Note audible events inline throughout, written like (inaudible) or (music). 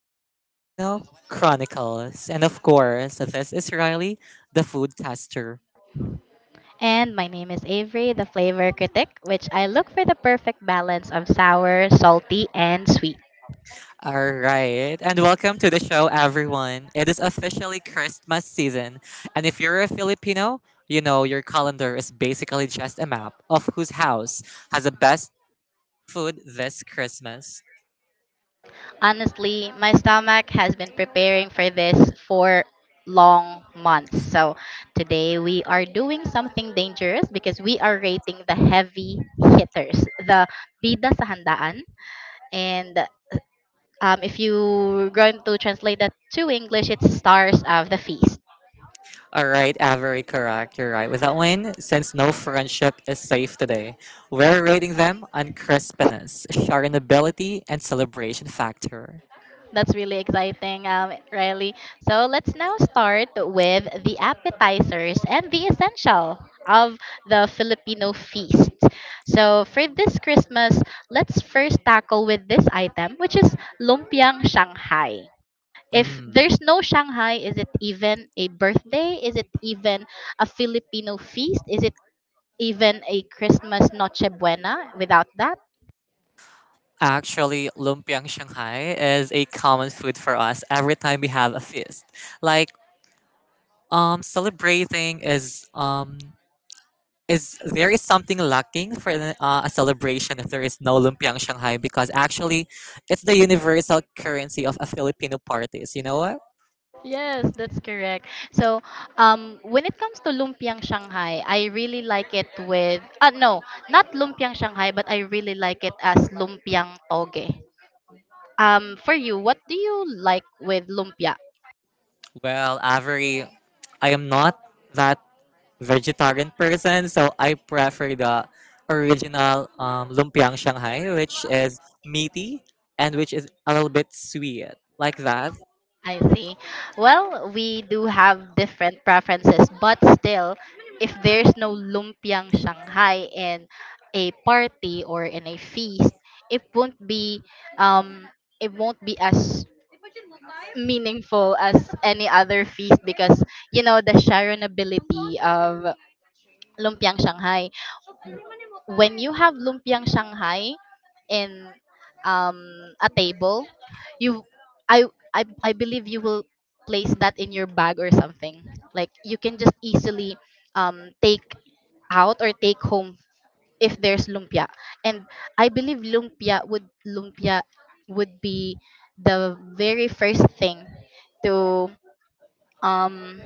the Filipino Chronicles. And of course, this is Riley, the food tester. And my name is Avery, the flavor critic, which I look for the perfect balance of sour, salty, and sweet. All right. And welcome to the show, everyone. It is officially Christmas season. And if you're a Filipino, you know your calendar is basically just a map of whose house has the best food this Christmas. Honestly, my stomach has been preparing for this for long months. So today we are doing something dangerous because we are rating the heavy hitters, the bida sa handaan. And If you going to translate that to English, it's stars of the feast. All right, Avery, correct. You're right. With that win, since no friendship is safe today, we're rating them on crispness, shareability, and celebration factor. That's really exciting, Riley. So let's now start with the appetizers and the essential of the Filipino feast. So for this Christmas, let's first tackle with this item, which is lumpiang Shanghai. If Mm. there's no Shanghai, is it even a birthday? Is it even a Filipino feast? Is it even a Christmas Noche Buena without that? Actually, lumpiang Shanghai is a common food for us every time we have a feast. Like, celebrating is there is something lacking for the a celebration if there is no lumpiang Shanghai because actually it's the universal currency of a Filipino parties. You know what? Yes, that's correct. So, when it comes to lumpiang Shanghai, I really like it with no, not lumpiang Shanghai, but I really like it as lumpiang toge. For you, what do you like with lumpia? Well, Avery, I am not that vegetarian person, so I prefer the original lumpiang Shanghai, which is meaty and which is a little bit sweet, like that. I see. Well, we do have different preferences, but still, if there's no lumpiang Shanghai in a party or in a feast, it won't be um it won't be as meaningful as any other feast because you know the sharonability of lumpiang Shanghai. When you have lumpiang Shanghai in um, a table, you I, I believe you will place that in your bag or something. Like you can just easily take out or take home if there's lumpia. And I believe lumpia would be the very first thing to um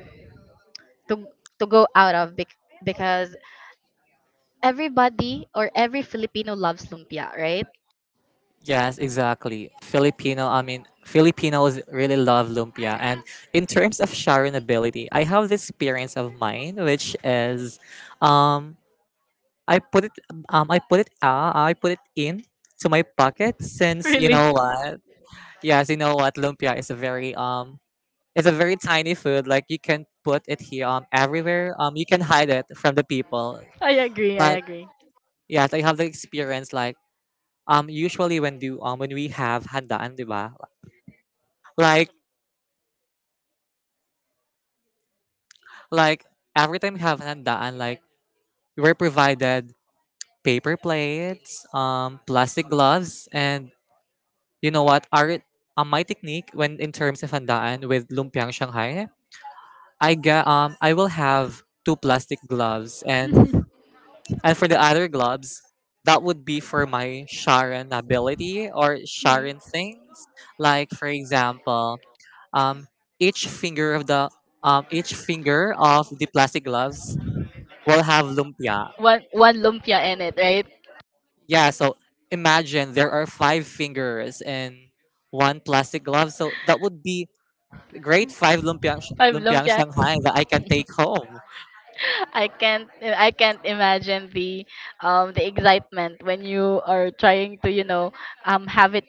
to to go out of because everybody or every Filipino loves lumpia, right? Yes, exactly. Filipino, I mean, Filipinos really love lumpia. And in terms of sharing ability, I have this experience of mine, which is, um, I put it, I put it, I put it in to my pocket since you know what? Yes, you know what? Lumpia is a very, it's a very tiny food. Like you can put it here, everywhere. You can hide it from the people. Like yes, I have the experience. Like, usually when we have handaan, di ba? like Like every time we have handaan, like we were provided paper plates, plastic gloves, and you know what? Our My technique when in terms of handaan with lumpiang Shanghai, I will have two plastic gloves, and for the other gloves, that would be for my Sharon ability or Yeah. Sharon things. Like for example, um, each finger of the each finger of the plastic gloves will have lumpia. One lumpia in it, right? Yeah, so imagine there are five fingers and one plastic glove. So that would be great five Five lumpiang lumpia. Shanghai (laughs) that I can take home. I can't imagine the excitement when you are trying to have it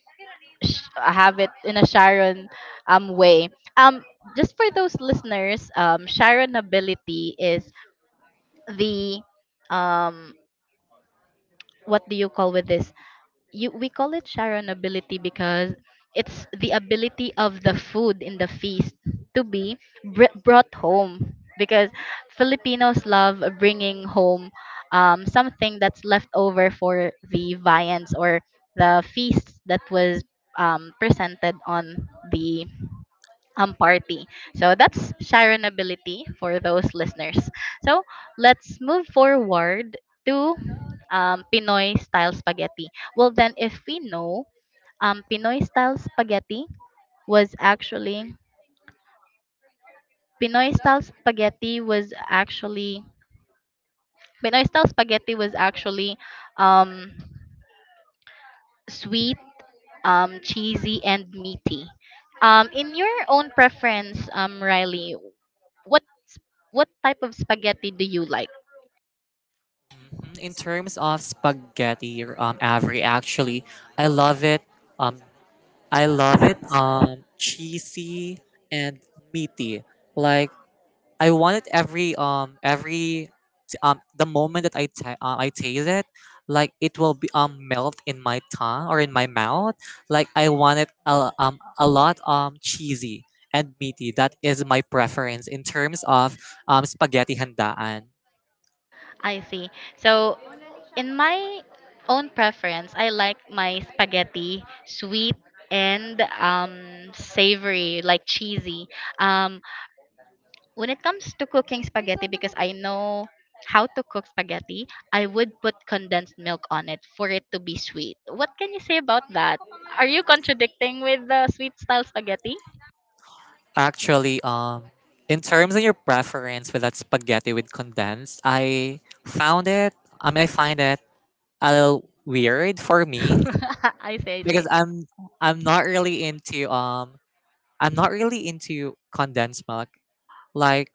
have it in a Sharon way. Um just for those listeners, Sharon ability is the um what do you call with this you we call it sharonability because it's the ability of the food in the feast to be brought home because Filipinos love bringing home something that's left over for the viands or the feast that was presented on the party. So that's Sharon ability for those listeners. So let's move forward to Pinoy style spaghetti. Well, then, if we know Pinoy style spaghetti was actually Pinoy style spaghetti was actually Pinoy style spaghetti was actually um, sweet, cheesy, and meaty. In your own preference, Riley, what what type of spaghetti do you like? Mhm. In terms of spaghetti, Avery, actually, I love it. Um, I love it. Cheesy and meaty. Like I wanted every t- the moment that I taste it, like it will be melt in my tongue or in my mouth. Like, I want it a lot cheesy and meaty. That is my preference in terms of spaghetti handaan. I see. So, in my own preference, I like my spaghetti sweet and savory, like cheesy. Um, when it comes to cooking spaghetti, because I know how to cook spaghetti, I would put condensed milk on it for it to be sweet. What can you say about that? Are you contradicting with the sweet style spaghetti? Actually, in terms of your preference with that spaghetti with condensed, I found it. I mean, I find it a little weird for (laughs) me I see, I because see. I'm not really into condensed milk. Like,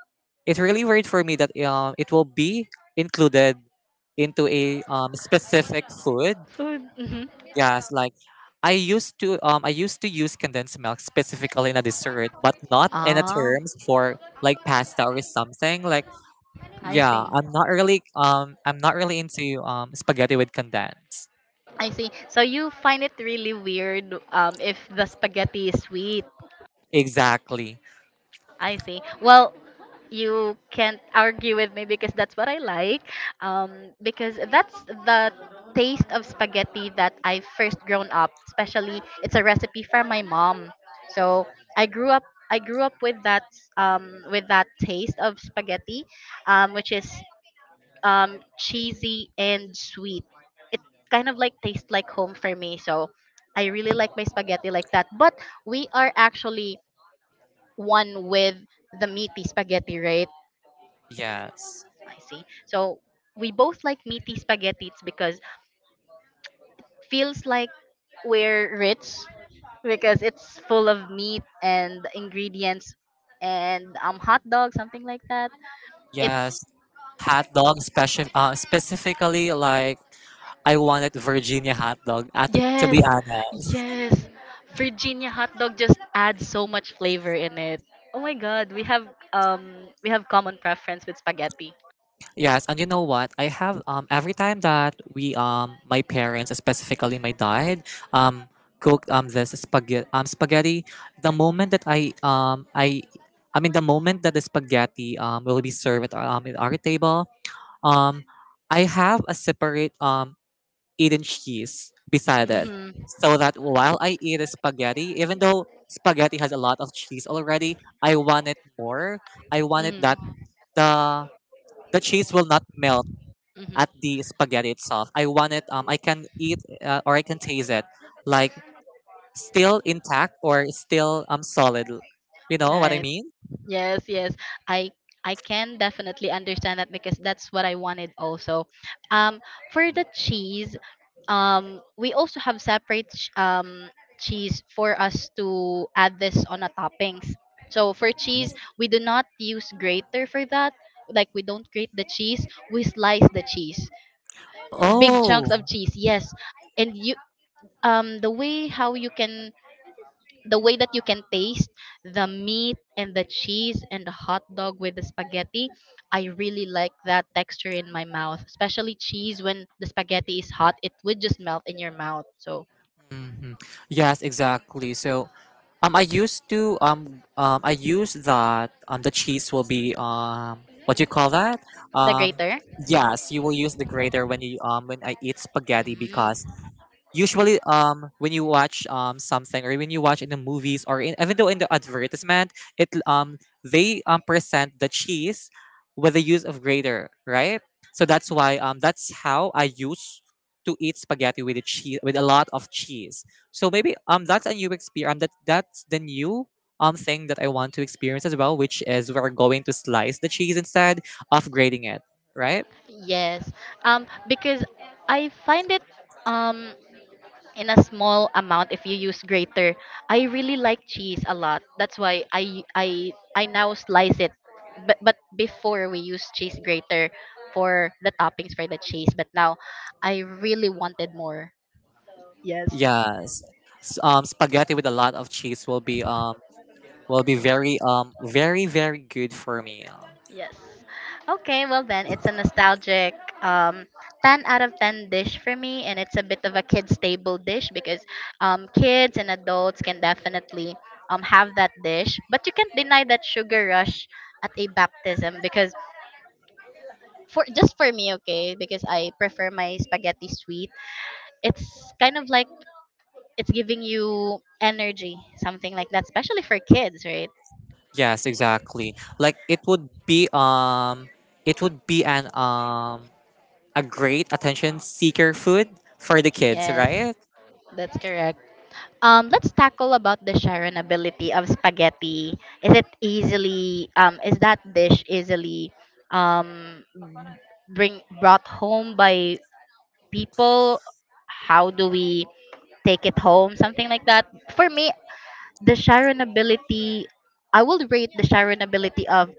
it's really weird for me that it will be included into a specific food. Food. Hmm. Yes, like I used to use condensed milk specifically in a dessert, but not in a Oh, terms for like pasta or something. Like I yeah, see. I'm not really into spaghetti with condensed. I see. So you find it really weird, if the spaghetti is sweet. Exactly. I see. Well, you can't argue with me because that's what I like. Because that's the taste of spaghetti that I first grown up. Especially, it's a recipe from my mom. So I grew up. I grew up with that, with that taste of spaghetti, which is cheesy and sweet. It kind of like tastes like home for me. So I really like my spaghetti like that. But we are actually one with the meaty spaghetti, right? Yes. I see. So we both like meaty spaghetti. It's because feels like we're rich because it's full of meat and ingredients and hot dog something like that. It's Yes. Hot dog special specifically like I wanted Virginia hot dog. To Yes, be honest, yes. Virginia hot dog just adds so much flavor in it. Oh my god, we have common preference with spaghetti. yes. And you know what? I have Every time that we my parents, specifically my dad, um cooked this spaghetti. The moment that I mean the moment that the spaghetti will be served at our table um I have a separate eaten cheese beside it. Mhm. So that while I eat a spaghetti, even though spaghetti has a lot of cheese already, I want it more. I want it Mhm. that the the cheese will not melt at the spaghetti itself. I want it I can eat or I can taste it like still intact or still solid. You know what I Mhm. mean? Yes, yes. I I can definitely understand that because that's what I wanted also. Um for the cheese, we also have separate cheese for us to add this on a toppings. So for cheese, we do not use grater for that. Like we don't grate the cheese, we slice the cheese. Big chunks of Oh. cheese. Yes. And you the way how you can the way that you can taste the meat and the cheese and the hot dog with the spaghetti, I really like that texture in my mouth, especially cheese. When the spaghetti is hot, it would just melt in your mouth. So Hmm. Yes, exactly. So um, I used that the cheese will be what do you call that? the Um, grater. yes, you will use the grater when you when I eat spaghetti because Mm, usually when you watch something or when you watch in the movies or in, even though in the advertisement it they present the cheese with the use of grater, right? So that's why that's how I use to eat spaghetti with the cheese, with a lot of cheese. So maybe that's a new experience, that's the new thing that I want to experience as well, which is we're going to slice the cheese instead of grating it, right? yes. Because I find it um in a small amount if you use grater. I really like cheese a lot. That's why I now slice it. But before we use cheese grater for the toppings for the cheese, but now I really wanted more. Yes. Yes. Spaghetti with a lot of cheese will be very very good for me. Yes. Okay, well then it's a nostalgic um 10 out of 10 dish for me, and it's a bit of a kids table dish because kids and adults can definitely have that dish, but you can't deny that sugar rush at a baptism because for just for me, okay, because I prefer my spaghetti sweet. It's kind of like it's giving you energy, something like that, especially for kids, right? Yes, exactly. Like it would be an a great attention seeker food for the kids, Yes, right? that's correct. Let's tackle about the sharonability of spaghetti. Is it easily is that dish easily um bring brought home by people? How do we take it home? Something like that. For me, the sharonability I will rate the sharonability of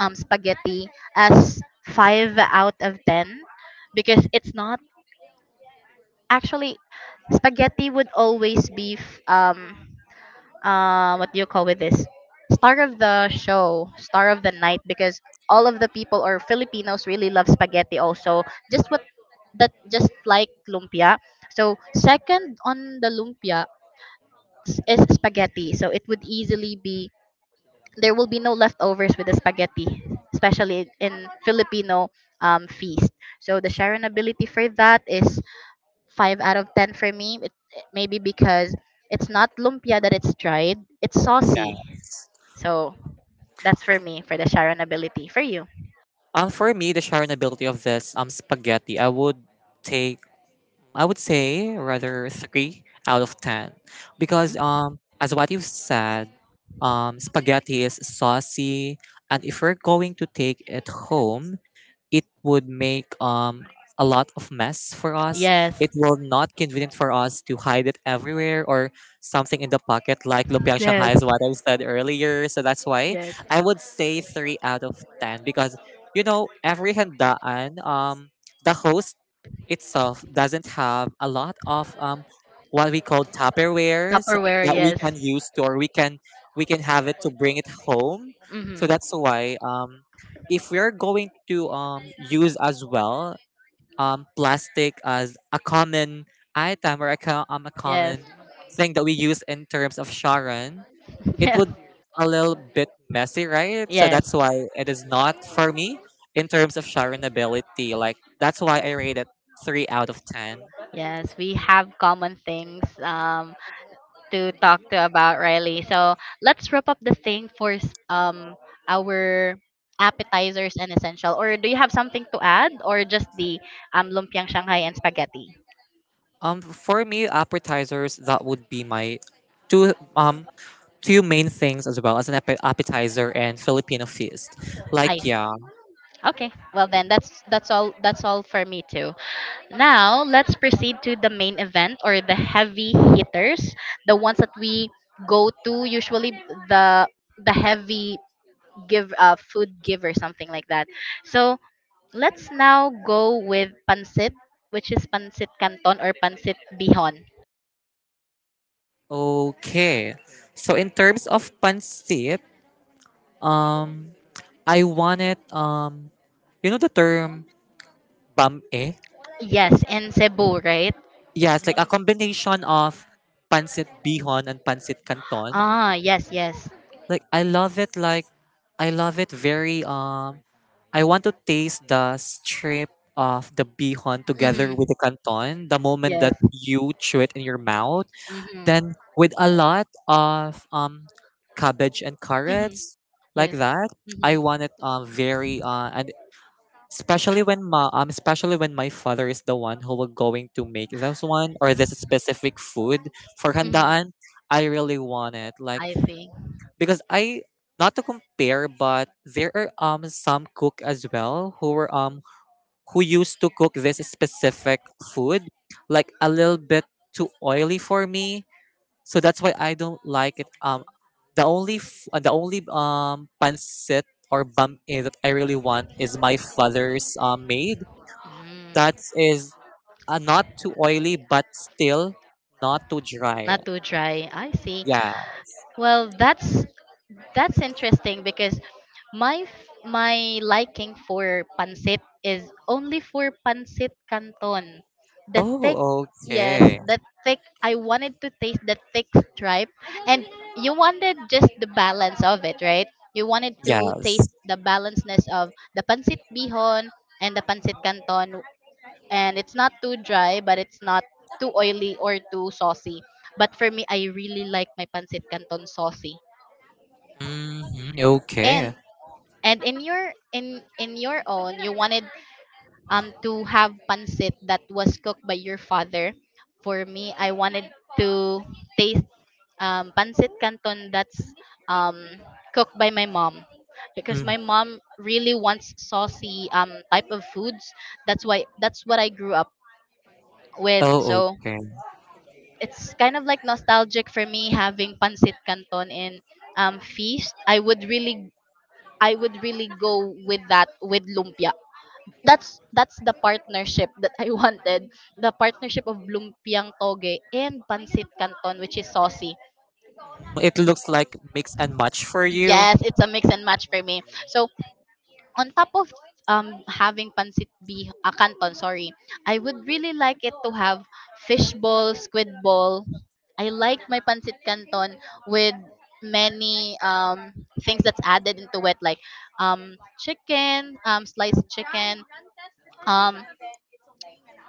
spaghetti as 5 out of 10 because it's not actually spaghetti would always be what do you call with this, star of the show, star of the night, because all of the people or filipinos really love spaghetti also, just what that just like lumpia. So second on the lumpia, is spaghetti. So it would easily be there will be no leftovers with the spaghetti, especially in filipino, feast. So the sharon ability for that is 5 out of 10 for me. It, maybe because it's not lumpia, that it's dried, it's Yeah. saucy. So that's for me for the Sharon ability. For you? For me the sharing ability of this spaghetti I would take, I would say rather three out of ten. Mhm. Because as what you've said, spaghetti is saucy and if we're going to take it home it would make a lot of mess for us. Yes. It will not convenient for us to hide it everywhere or something in the pocket like lumpiang Shanghai Yes. is what I said earlier. So that's why Yes. I would say three out of ten because you know every handaan, the host itself doesn't have a lot of what we call Tupperwares Tupperware. that we Yes. can use to, or we can have it to bring it home. Hmm. So that's why if we're going to use as well plastic as a common item or a Yes. common thing that we use in terms of Sharon, it would (laughs) a little bit messy, right? So Yes. that's Yes. why it is not for me in terms of Sharon. Like that's why I rate it three out of ten. Yes. We have common things. To talk to about, Riley. So let's wrap up the thing for our appetizers and essential. Or do you have something to add, or just the lumpiang Shanghai and spaghetti? For me, appetizers, that would be my two um two main things as well as an appetizer and Filipino feast. Like I see. yeah, Okay. Well then, that's all for me too. Now let's proceed to the main event or the heavy hitters, the ones that we go to usually the the heavy give food give or something like that. So let's now go with pancit, which is pancit canton or pancit bihon. okay. So in terms of pancit, um, I wanted you know the term bam. Yes, in Cebu, right? Yes, like a combination of pancit bihon and pancit canton. Ah, yes, yes. Like, I love it very, I want to taste the strip of the bihon together Mm-hmm. with the canton the moment Yes. that you chew it in your mouth. Mm-hmm. Then with a lot of cabbage and Mm-hmm. carrots like Yes. that. I Mm-hmm. want it very and Especially when ma especially when my father is the one who will going to make this one or this specific food for Mm-hmm. handaan, I really want it. Like I see. because I, not to compare, but there are some cook as well who were who used to cook this specific food like a little bit too oily for me. So that's why I don't like it. The the only pancit or bam eh, that I really want is my father's made that Mm. is not too oily but still not too dry. Not too dry. I see. Yeah. Well, that's interesting because my liking for pancit is only for pancit canton. The thick, Oh, yes, okay. the thick. I wanted to taste the thick stripe, and you wanted just the balance of it, right? You wanted to Yes. taste the balancedness of the pancit bihon and the pancit canton, and it's not too dry but it's not too oily or too saucy, but for me I really like my pancit canton saucy. Hmm. and Okay. and in your in your own, you wanted to have pancit that was cooked by your father. For me, I wanted to taste pancit canton that's um cooked by my mom, because Hmm. my mom really wants saucy, type of foods. That's why that's what I grew up with. Oh, So okay. it's kind of like nostalgic for me having pancit canton in feast. I would really go with that with lumpia. That's the partnership that I (laughs) wanted. The partnership of lumpiang toge and pancit canton, which is saucy. It looks like mix and match for you. Yes, it's a mix and match for me. So on top of having pancit bih canton, sorry, I would really like it to have fish ball, squid ball. I like my pancit canton with many things that's added into it, like chicken, sliced chicken, um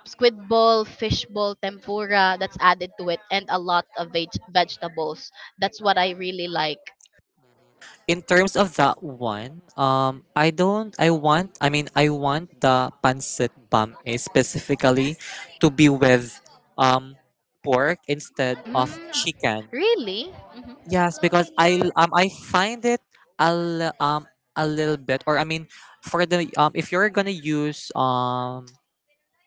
squid ball, fish ball, tempura, that's added to it, and a lot of vegetables. That's what I really like. In terms of that one, I don't. I want. I mean, I want the pancit bam eh, specifically to be with um pork instead of Mm, chicken. really. Hmm. Yes, because I find it a li- um a little bit, or I mean, for the if you're gonna use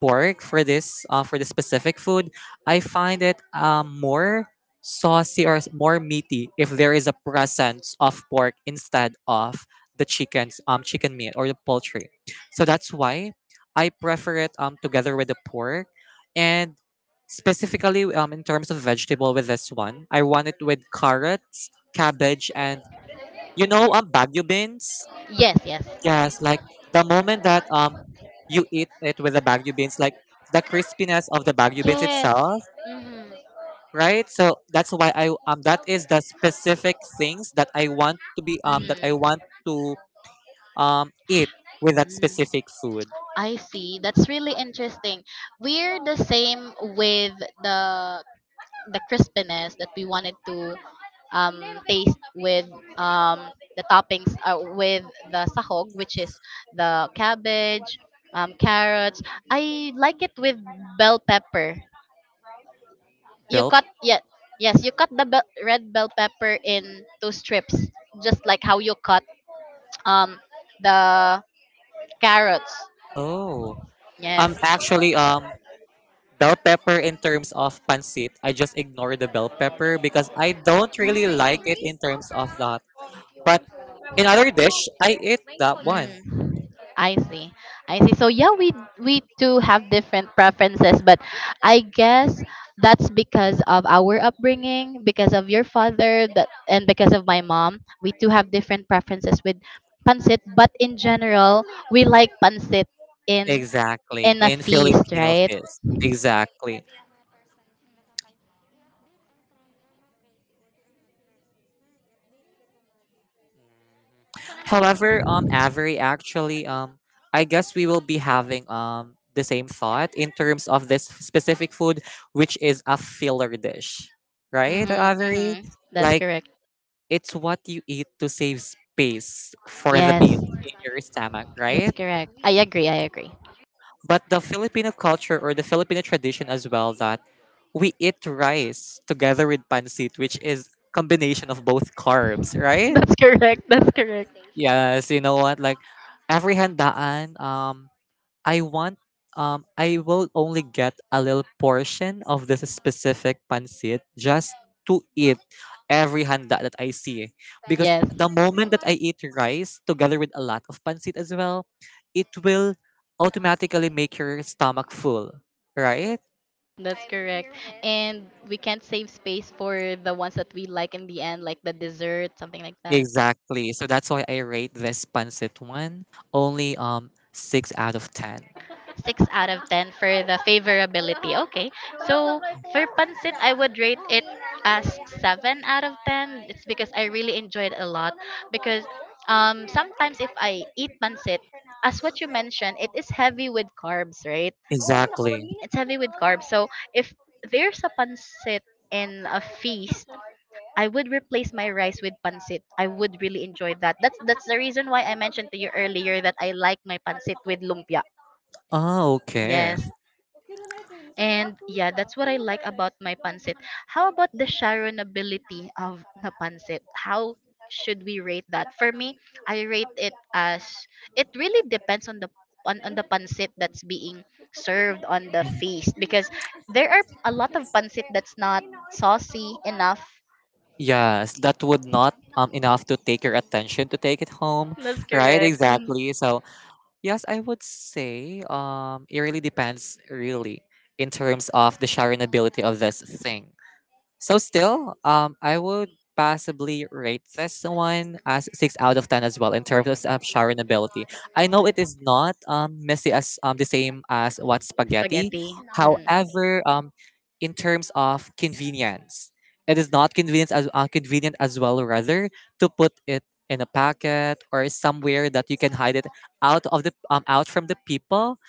pork for this for the specific food, I find it more saucy or more meaty if there is a presence of pork instead of the chicken's chicken meat or the poultry. So that's why I prefer it together with the pork and specifically in terms of vegetable with this one, I want it with carrots, cabbage and you know bagu beans. Yes, yes. Yes, like the moment that you eat it with the Baguio beans, like the crispiness of the Baguio beans Yes. itself, Mm-hmm. right? So that's why I that is the specific things that I want to be that I Mm-hmm. want to eat with that specific food. I see. That's really interesting. We're the same with the the crispiness that we wanted to um, taste with um, the toppings, with the sahog, which is the cabbage, carrots. I like it with bell pepper. You Bell, cut yeah, yes, you cut the bell, red bell pepper in two strips, just like how you cut um, the carrots. oh, um Yes. actually um bell pepper in terms of pancit, I just ignore the bell pepper because I don't really like it in terms of that. But in other dish, I eat that one. Mm, I see. I see. So yeah, we do have different preferences, but I guess that's because of our upbringing, because of your father, that and because of my mom. We do have different preferences with pancit, but in general, we like pancit in Exactly, in a in feast, Filipino right? feast. Exactly. However, Avery, actually, I guess we will be having the same thought in terms of this specific food, which is a filler dish, right, Mhm. Avery? Mhm. That's Like correct. it's what you eat to save space for the meat Yes. in your stomach, That's right? correct. I agree. I agree. But the Filipino culture or the Filipino tradition as well that we eat rice together with pancit, which is combination of both carbs, (laughs) right? That's correct. That's correct. Yes, you know what? Like every handaan, I want, I will only get a little portion of this specific pancit just to eat every handa that I see. Because Yes. the moment that I eat rice together with a lot of pancit as well, it will automatically make your stomach full, right? That's I'm correct. Here with. And we can't save space for the ones that we like in the end, like the dessert, something like that. Exactly. So that's why I rate this pancit one only 6 out of 10. 6 out of 10 for the favorability. Okay. (laughs) So for pancit, I would rate it as 7 out of 10. It's because I really enjoyed it a lot. Because sometimes if I eat pancit, as what you mentioned, it is heavy with carbs, right? Exactly. It's heavy with carbs. So if there's a pancit in a feast, I would replace my rice with pancit. I would really enjoy that. That's the reason why I mentioned to you earlier that I like my pancit with lumpia. Oh, okay. Yes. And yeah, that's what I like about my pancit. How about the sharonability of the pancit? How should we rate that? For me, I rate it as it really depends on on the pancit that's being served on the Mhm. feast, because there are a lot of pancit that's not saucy enough. Yes, that would not enough to take your attention to take it home, That's right? correct. Mhm. Exactly. So yes, I would say it really depends really in terms of the sharing ability of this thing. So still, I would possibly rate this one as 6 out of 10 as well in terms of Sharon ability. I know it is not messy as the same as what spaghetti. Spaghetti. Mhm. However, in terms of convenience, it is not convenient as well rather to put it in a packet or somewhere that you can hide it out from the people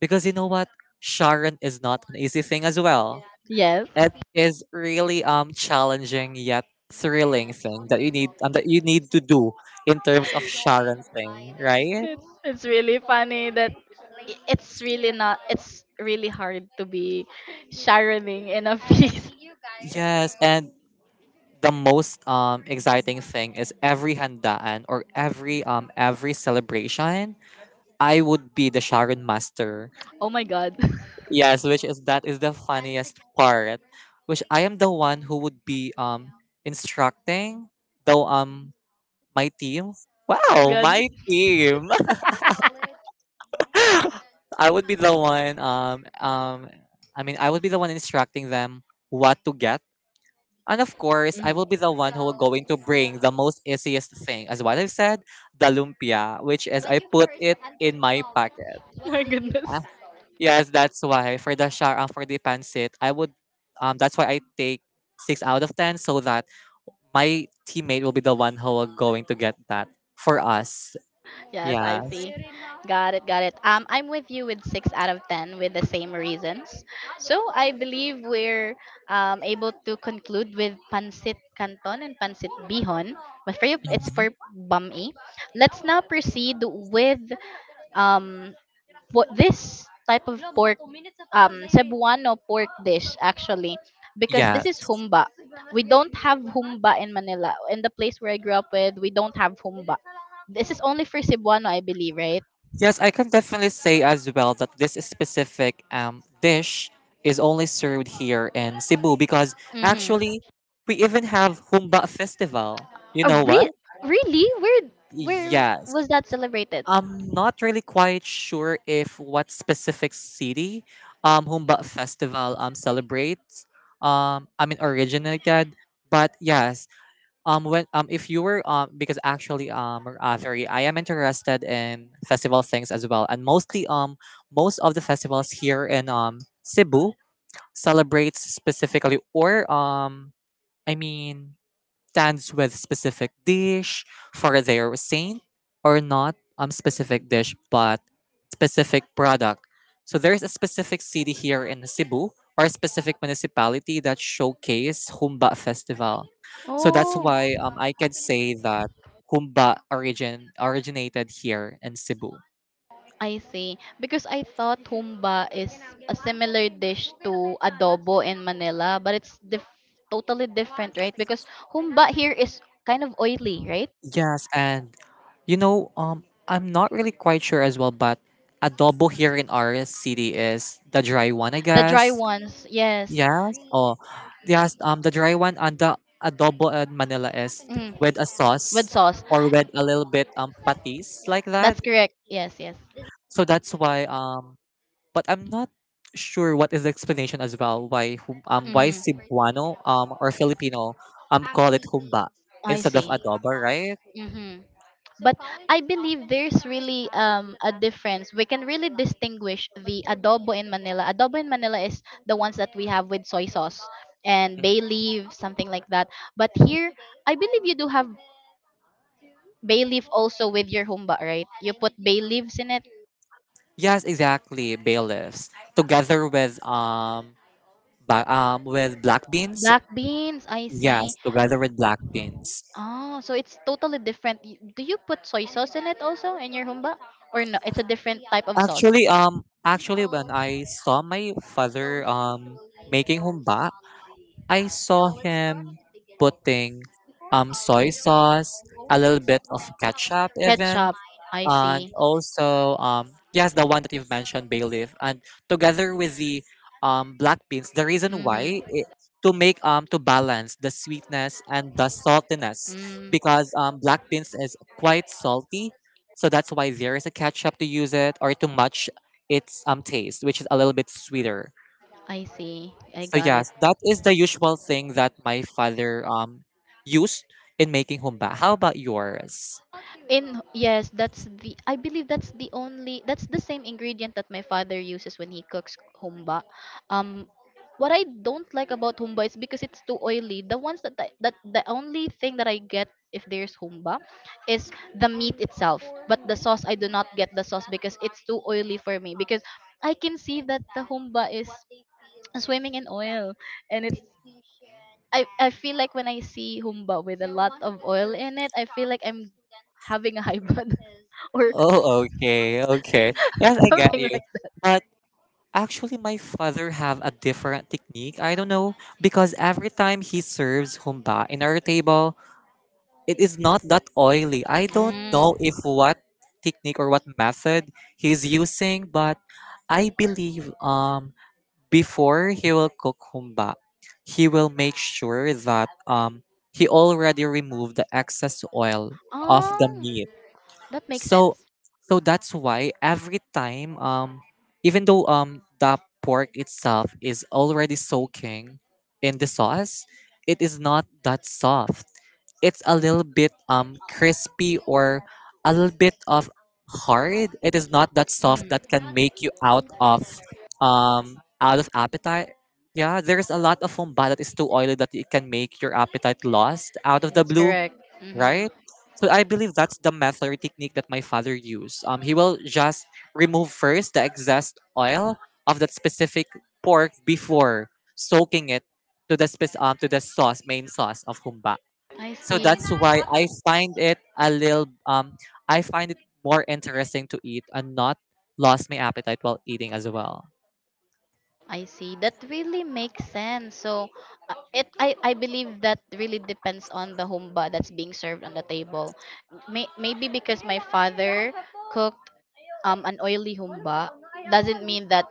because you know what Sharon is not an easy thing as well. Yes, It is really challenging yet thrilling thing that you need to do in terms of Sharon thing, right? it's really funny that I- it's really not it's really hard to be Sharoning in a feast. (laughs) Yes, and the most exciting thing is every handaan or every celebration, I would be the Sharon master. Oh my god. (laughs) Yes, which is that is the funniest part, which I am the one who would be instructing though my team. Oh my Wow, god. my team. (laughs) I would be the one I mean I would be the one instructing them what to get. And of course, I Mhm. will be the one who will going to bring the most easiest thing, as what I've said, the lumpia, which is I put it in my pocket. Oh (laughs) my goodness. Ah, yes, that's why for the pancit, I would that's why I take 6 out of 10 so that my teammate will be the one who will going to get that for us. Yes, Yeah. I see. Got it, got it. I'm with you with 6 out of 10 with the same reasons. So I believe we're able to conclude with pancit canton and pancit bihon. But for you, it's Mhm. for bami. Let's now proceed with um, this type of pork Cebuano pork dish, actually, because this Yeah. is humba. We don't have humba in Manila. In the place where I grew up with, we don't have humba. This is only for Cebuano, I believe, right? Yes, I can definitely say as well that this specific dish is only served here in Cebu because Mm-hmm. actually we even have Humba Festival. You A know what? re- Really? Where Yes. was that celebrated? I'm not really quite sure if what specific city Humba Festival celebrates originated, but yes, when if you were because actually I am interested in festival things as well, and most of the festivals here in Cebu celebrates specifically, or I mean, stands with specific dish for their saint or not specific dish but specific product. So there's a specific city here in Cebu or a specific municipality that showcase Humba Festival. So that's Oh. why I can say that Humba originated here in Cebu. I see. Because I thought humba is a similar dish to adobo in Manila, but it's totally different, right? Because humba here is kind of oily, right? Yes, and I'm not really quite sure as well, but adobo here in our city is the dry one, I The dry guess. ones, yes. Yes. Oh, yes. The dry one and the adobo in Manila is Mm, with a with sauce sauce. or with a little bit patis like that. That's correct. Yes, yes. So that's why but I'm not sure what is the explanation as well why why Mm-hmm. Cebuano or Filipino call it humba I instead of see. adobo, right? Mm-hmm. But I believe there's really a difference. We can really distinguish the adobo in Manila. Adobo in Manila is the ones that we have with soy sauce and Mhm. bay leaf, something like that. But here I believe you do have bay leaf also with your humba, right? You put bay leaves in it. Yes, exactly. Bailiffs together with with black beans. Black beans, I see. Yes, together with black beans. Oh, so it's totally different. Do you put soy sauce in it also in your humba, or no, it's a different type of sauce? Actually, when I saw my father making humba, I saw him putting soy sauce, a little bit of ketchup even, Ketchup, I and see. also yes the one that you've mentioned bailiff and together with the black beans, the reason why Mm-hmm. it, to make to balance the sweetness and the saltiness Mm, because black beans is quite salty so that's why there is a ketchup to use it or to match its taste which is a little bit sweeter. I see. I So got it. yes, that is the usual thing that my father used in making humba. How about yours? In yes, that's the I believe that's the only that's the same ingredient that my father uses when he cooks humba. Um what I don't like about humba is because it's too oily. The ones that the only thing that I get if there's humba is the meat itself, but the sauce I do not get the sauce because it's too oily for me, because I can see that the humba is swimming in oil, and it's I feel like when I see humba with a lot of oil in it, I feel like I'm having a high blood (laughs) or Oh, okay, okay. Yes, (laughs) I got something like you. that. But actually, my father have a different technique. I don't know because every time he serves humba in our table, it is not that oily. I don't know Mm. if what technique or what method he's using, but I believe before he will cook humba, he will make sure that he already removed the excess oil of the Oh, meat. that makes so sense. so that's why every time even though the pork itself is already soaking in the sauce, it is not that soft. It's a little bit crispy or a little bit of hard. It is not that soft Hmm. that can make you out of appetite. Yeah, there's a lot of fumba that is too oily that it can make your appetite lost out of the That's blue, correct. Hmm. right? So I believe that's the method or technique that my father used. He will just remove first the excess oil of that specific pork before soaking it to the sauce main sauce of humba. I So see. that's why I find it more interesting to eat and not lost my appetite while eating as well. I see. That really makes sense. So, it I believe that really depends on the humba that's being served on the table. Maybe because my father cooked an oily humba doesn't mean that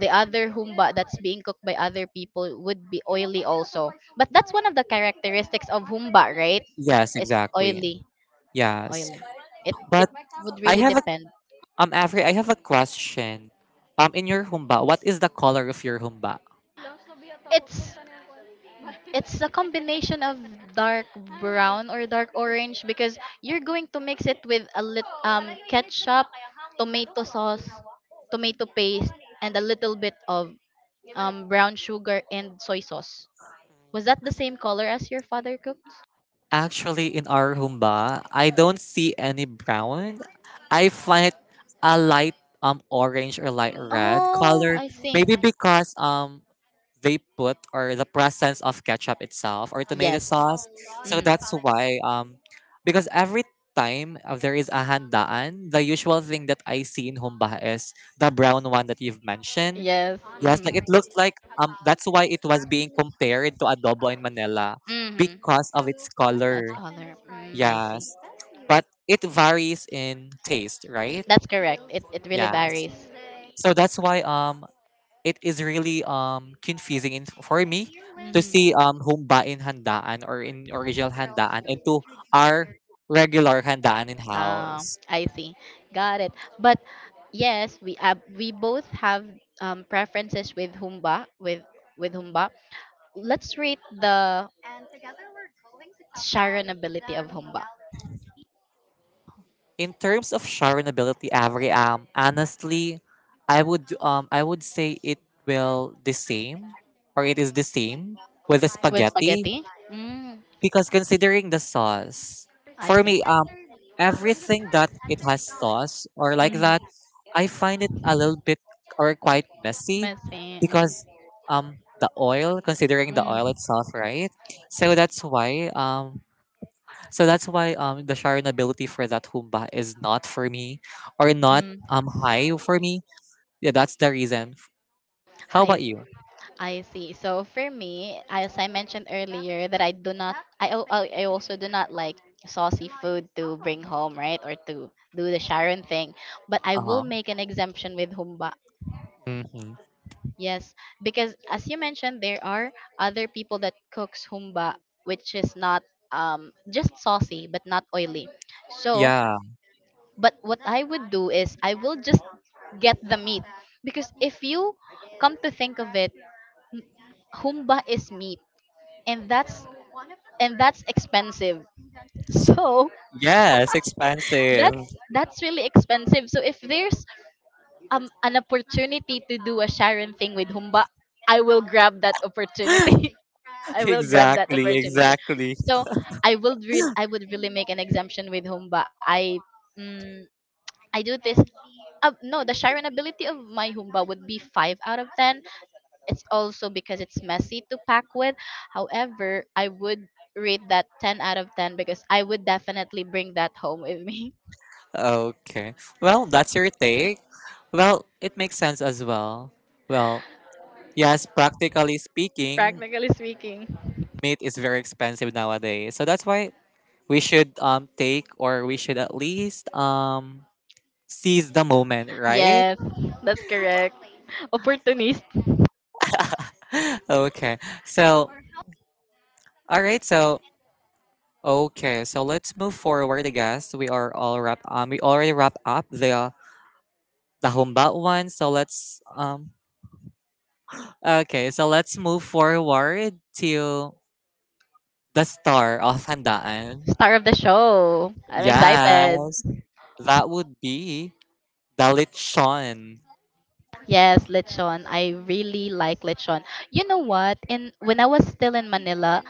the other humba that's being cooked by other people would be oily also. But that's one of the characteristics of humba, right? Yes, It's exactly. oily, Yes, oily. It but would I really have depend. Avery, I have a question. In your humba, what is the color of your humba? It's it's a combination of dark brown or dark orange, because you're going to mix it with a lit ketchup, tomato sauce, tomato paste, and a little bit of brown sugar and soy sauce. Was that the same color as your father cooks? Actually, in our humba, I don't see any brown. I find a light orange or light red Oh, color. I see. Maybe because they put or the presence of ketchup itself or tomato Yes. sauce. So Hmm. that's why because every time there is a handaan, the usual thing that I see in humba is the brown one that you've mentioned. Yes. Yes, like it looks like that's why it was being compared to adobo in Manila Hmm. Hmm. because of its That's color. color. Mm, I see. Yes. But it varies in taste, right? That's correct. It really Yes. varies. So that's why it is really confusing for me to see Mhm. Humba in handaan or in original handaan and to our regular handaan in Ah, house. I see. Got it. But yes, we both have preferences with humba with humba. Let's rate the sharonability of humba. In terms of sharonability, Avery, honestly, I would say it will the same, or it is the same with the With spaghetti spaghetti. Mm, because considering the sauce, I for see. me, everything that it has sauce or like Mm, that, I find it a little bit or quite messy messy. Mm, because the oil, considering the mm, oil itself, right? So that's why um so that's why the Sharon for that humba is not for me or not mm. High for me. Yeah, that's the reason. How about I, s- you? I see. So for me, as I mentioned earlier, that I do not, I, al- I also do not like saucy food to bring home, right? Or to do the Sharon thing. But I will Uh-huh. make an exemption with humba. Hmm. Yes, because as you mentioned, there are other people that cooks humba, which is not just saucy but not oily. So, Yeah. but what I would do is I will just get the meat, because if you come to think of it, m- humba is meat, and that's and that's expensive. (laughs) So Yes, expensive. that's that's really expensive. So if there's an opportunity to do a Sharon thing with humba, I will grab that opportunity. (laughs) I (laughs) will grab that Exactly, opportunity. exactly. So I would really make an exemption with Humba. Mm, I do this. No, the Sharon ability of my Humba would be 5 out of 10. It's also because it's messy to pack with. However, I would rate that 10 out of 10 because I would definitely bring that home with me. Okay. Well, that's your take. Well, it makes sense as well. Well, yes, practically speaking, meat is very expensive nowadays. So that's why we should at least seize the moment, (laughs) right? Yes, that's correct. Opportunist, (laughs) Okay. So, all right. So, okay. So let's move forward. I guess we are all wrap. We already wrap up the humba one. So let's. Okay. So let's move forward to the star of handaan. star of the show. I'm excited. Yes, that would be the lechon. Yes, lechon. I really like lechon. You know what? In When I was still in Manila,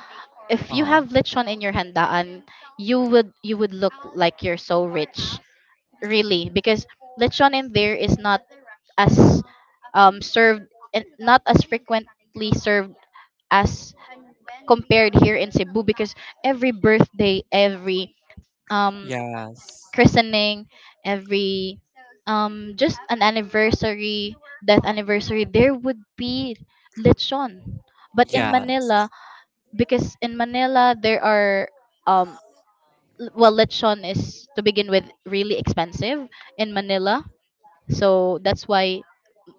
if Uh you have huh. lechon in your handaan, you would look like you're so rich. Really, because lechon in there is not as served and not as frequently served as compared here in Cebu, because every birthday, every um Yes. christening, every just an anniversary, death anniversary, there would be lechon. But in Yeah. Manila, because in Manila there are um well, lechon is, to begin with, really expensive in Manila. So that's why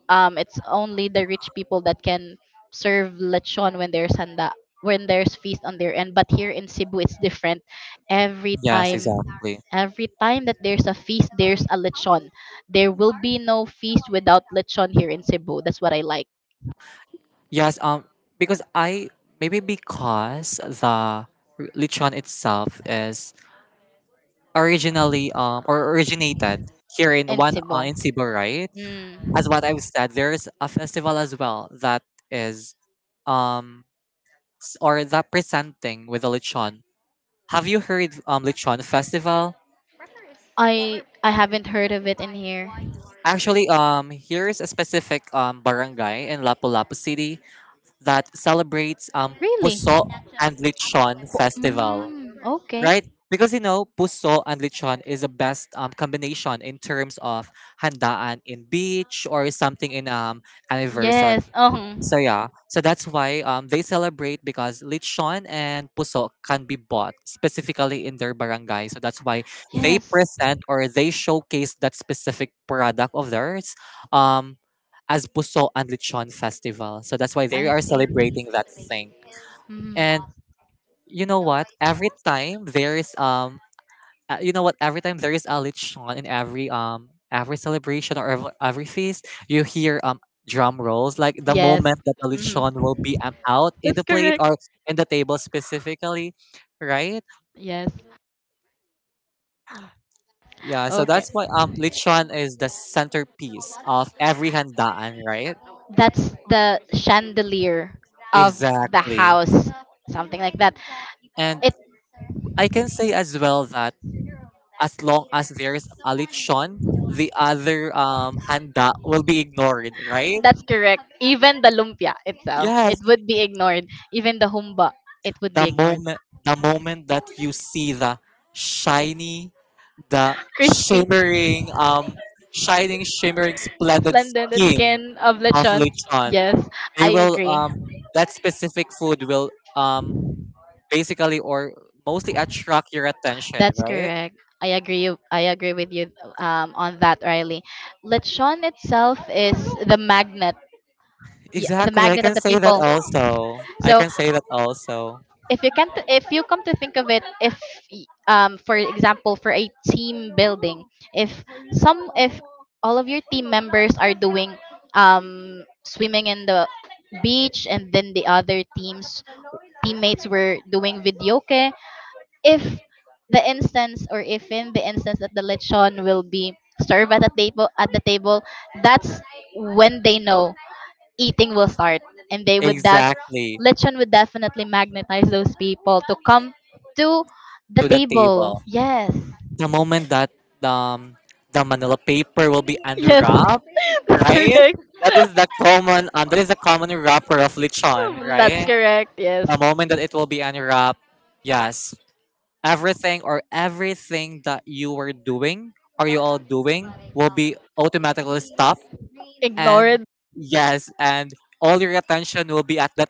it's only the rich people that can serve lechon when there's handa, when there's feast on their end. But here in Cebu, it's different. Every Yes. time, Exactly. every time that there's a feast, there's a lechon. There will be no feast without lechon here in Cebu. That's what I like Yes, because I maybe because lechon itself is originally or originated here in in one Cebu. in Cebu, right? As what Mm. I've said, there's a festival as well that is um s- or that presenting with the lechon. Have you heard lechon festival? I haven't heard of it in here. Actually, here's a specific barangay in Lapu-Lapu City that celebrates Really? puso and lechon festival, Mm, right? okay. Because puso and lechon is the best combination in terms of handaan in beach or something in anniversary. Yes. So yeah, so that's why they celebrate because lechon and puso can be bought specifically in their barangay. So that's why they Yes. present or they showcase that specific product of theirs um as puso and lechon festival. So that's why they I are see. celebrating that thing. Mhm. And you know what? Every time there is You know what? Every time there is a lechon in every celebration or every feast, you hear drum rolls. Like the Yes. moment that the Mhm. lechon will be out in the That's plate correct. or in the table specifically, right? Yes. Yeah. So Okay. that's why lechon is the centerpiece of every handaan, right? That's the chandelier of the Exactly. house, something like that. And It. I can say as well that as long as there's a lechon, the other handa will be ignored, right? That's correct. Even the lumpia itself, it Yes, would be ignored. Even the humba, it would be the ignored. moment the moment that you see the shiny the Crispy, shimmering shining shimmering splendid flattened skin skin of of lechon. lechon. Yes, I They will agree. That specific food will basically or mostly attract your attention, That's right? correct. I agree. I agree with you on that, Riley. Lechon itself is the magnet, the Exactly. I magnet of can the say that people. also I So can say that also if you can not if you come to think of it, if for example, for a team building, if some if all of your team members are doing swimming in the beach, and then the other teams teammates were doing videoke, if the instance or if in the instance that the lechon will be served at the table, at the table, that's when they know eating will start, and they would def Exactly. lechon would definitely magnetize those people to come to the To the table. table, Yes, the moment that um the manila paper will be yes. unwrapped, (laughs) That's right? correct. That is the common wrapper of lechon, That's right? correct. Yes, The moment that it will be unwrapped, yes, everything that you were doing or you all doing will be automatically stopped, and ignored. yes, and all your attention will be at the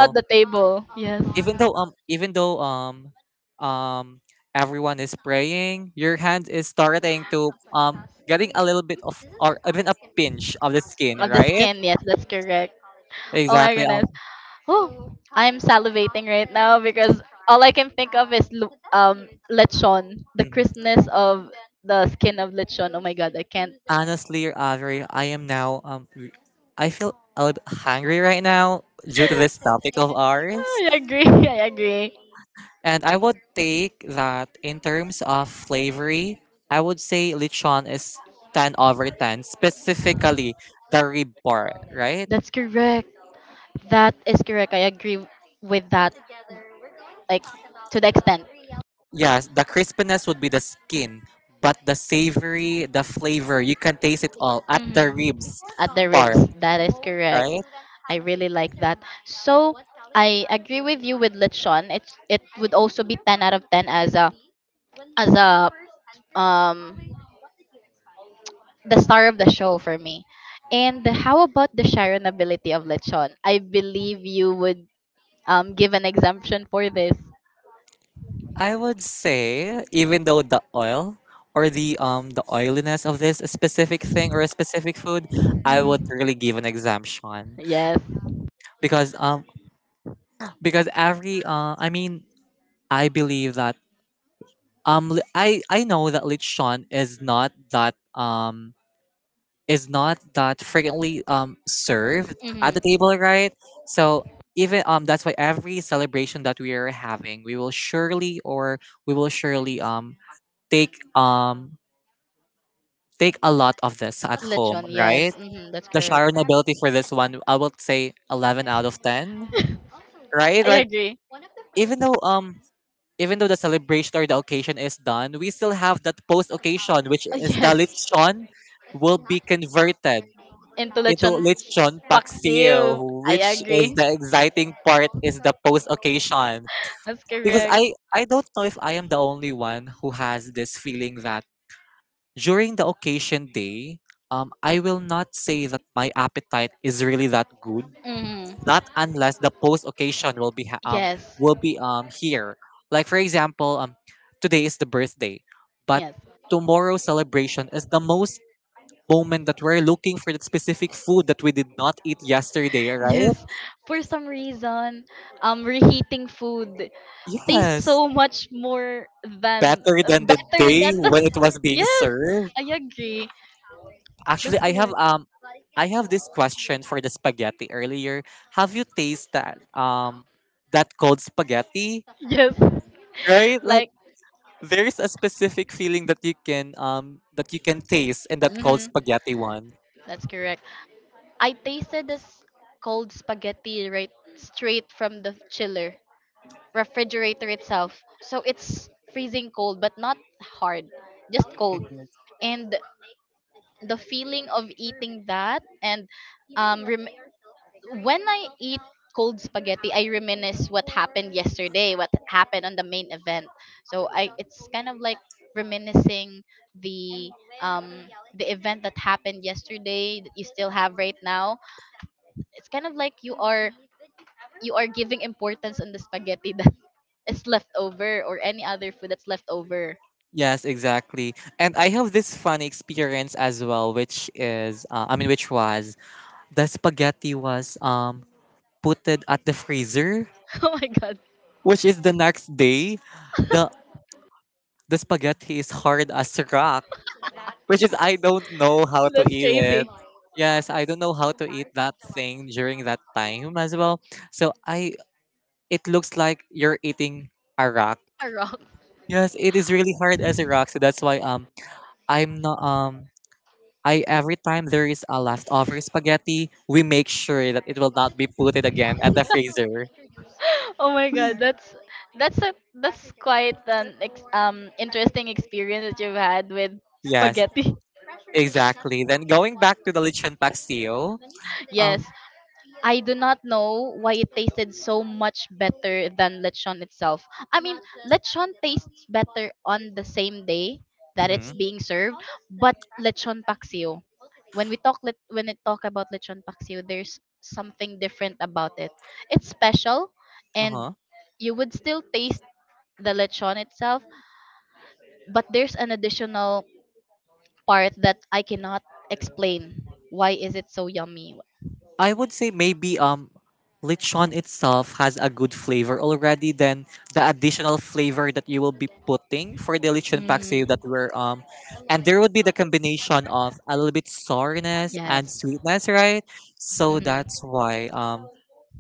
At the table, yes. even though um everyone is praying, your hand is starting to getting a little bit of or even a pinch of the skin, Of the right? skin, yes, that's correct. Oh my Exactly. goodness. Oh, I'm salivating right now because all I can think of is lechon, the Mhm. crispness of the skin of lechon. Oh my god, I can't. Honestly, Audrey, I am now r- I feel a little bit hungry right now due to this topic of ours. I agree. (laughs) I agree. And I would take that in terms of flavory, I would say lechon is 10 over 10, specifically the rib part, right? That's correct. That is correct. I agree with that. Like, to the extent. Yes, the crispiness would be the skin, but the savory, the flavor, you can taste it all at the Mhm. ribs At the ribs. part, That is correct. right? I really like that. So I agree with you with lechon. It would also be 10 out of 10 as a um the star of the show for me. And how about the Sharon ability of lechon? I believe you would give an exemption for this. I would say even though the oil or the oiliness of this specific thing or a specific food, I would Mhm. really give an exemption Yes. because um because every I mean I believe that I know that lechon is not that frequently served at the Mhm. table, right? So even that's why every celebration that we are having, we will surely take um take a lot of this at home, Lechon, yes. right? Hmm, that's The correct. Sharon ability for this one, I would say 11 out of 10, right? I Like agree. (laughs) even though um even though the celebration or the occasion is done, we still have that post occasion, which is the yes. lechon will be converted Into into lechon lechon Paksiw. paksiw, I which agree. is the exciting part is the post occasion. That's Because correct. I don't know if I am the only one who has this feeling that during the occasion day, I will not say that my appetite is really that good. Mm, Not unless the post occasion will be ha- um yes. will be um here. Like for example, today is the birthday, but Yes. tomorrow's celebration is the most moment that we're looking for that specific food that we did not eat yesterday, right? Yes. For some reason, reheating food tastes Yes. so much more than Better than the better day than the when it was (laughs) being Yes, served. I agree. Actually, That's I have correct. um I have this question for the spaghetti earlier. Have you tasted that that cold spaghetti? Yes. (laughs) Right? Like Like, there's a specific feeling that you can taste in that cold mhm, spaghetti one. that's correct. I tasted this cold spaghetti right straight from the chiller, refrigerator itself. So it's freezing cold, but not hard, just cold. Mhm. And the feeling of eating that and um, rem- when I eat cold spaghetti, I reminisce what happened yesterday, what happened on the main event. So I it's kind of like reminiscing the um the event that happened yesterday that you still have right now. It's kind of like You are giving importance on the spaghetti that (laughs) is left over or any other food that's left over. (laughs) Yes, exactly. And I have this funny experience as well, which is, I mean, which was the spaghetti was put it at the freezer, Oh my god. which is the next day. The the spaghetti is hard as rock, which is I (laughs) don't know how to That's eat it. crazy. Yes, I don't know how to eat that thing during that time as well. So I it looks like you're eating a rock. (laughs) A rock. Yes, it is really hard as a rock, so that's why I'm not I every time there is a leftover spaghetti, we make sure that it will not be put it again at the freezer. (laughs) Oh my god, that's a that's quite an interesting experience that you've had with Yes, spaghetti. (laughs) exactly. Then going back to the lechon pastel, Yes, um, I do not know why it tasted so much better than lechon itself. I mean, lechon tastes better on the same day that it's mhm, being served, but lechon paksiw. When we talk let when we talk about lechon paksiw, there's something different about it. It's special, and uh-huh. you would still taste the lechon itself, but there's an additional part that I cannot explain why is it so yummy. I would say maybe lechon itself has a good flavor already. Then the additional flavor that you will be putting for the lechon pastel Mm, that we're and there would be the combination of a little bit sourness and yes. sweetness, right? So Hmm. that's why um,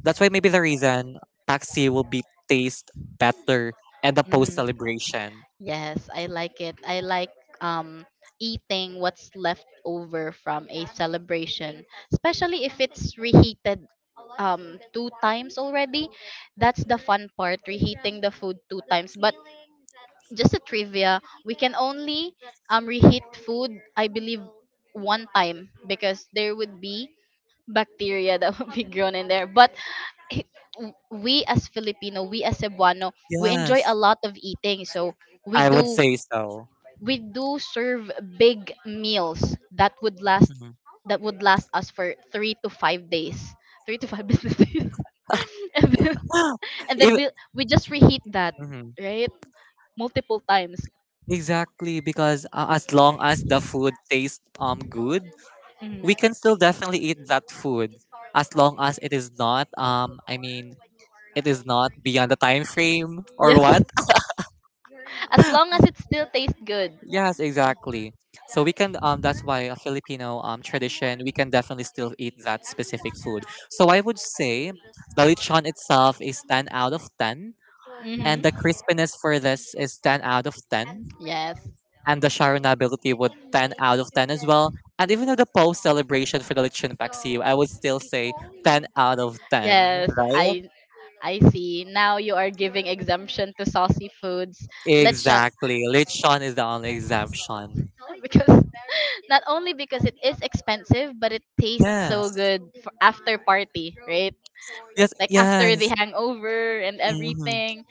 that's why maybe the reason pastel will be taste better at the post Hmm. celebration. Yes i like it i like um eating what's left over from a celebration, especially if it's reheated two times already. That's the fun part, reheating the food two times. But just a trivia, we can only reheat food, I believe, one time, because there would be bacteria (laughs) that would be grown in there, but (laughs) h- we as Filipino, we as Cebuano, we enjoy a Yes, lot of eating. So we I would do say so. we do serve big meals that would last us for 3 to 5 days, three to five (laughs) business days, (laughs) and then (gasps) (laughs) and then If, we just reheat that, Mhm. right, multiple times. Exactly, because as long as the food tastes good, Mhm. we can still definitely eat that food as long as it is not I mean it is not beyond the time frame or Yes. what? As long as it still tastes good. Yes, exactly. So we can that's why a Filipino tradition we can definitely still eat that specific food. So I would say the lechon itself is 10 out of 10 and Mhm. the crispiness for this is 10 out of 10 Yes. and the Sharon ability would 10 out of 10 as well. And even though the post celebration for the Lichun Paxiu, I would still say 10 out of 10, Yes, right? I see. Now you are giving exemption to saucy foods. Let's shut. Exactly. Lichun is the only exemption. (laughs) Because not only because it is expensive, but it tastes so Yes, good for after party, right? yes, Like after the yes. hangover and hmm everything.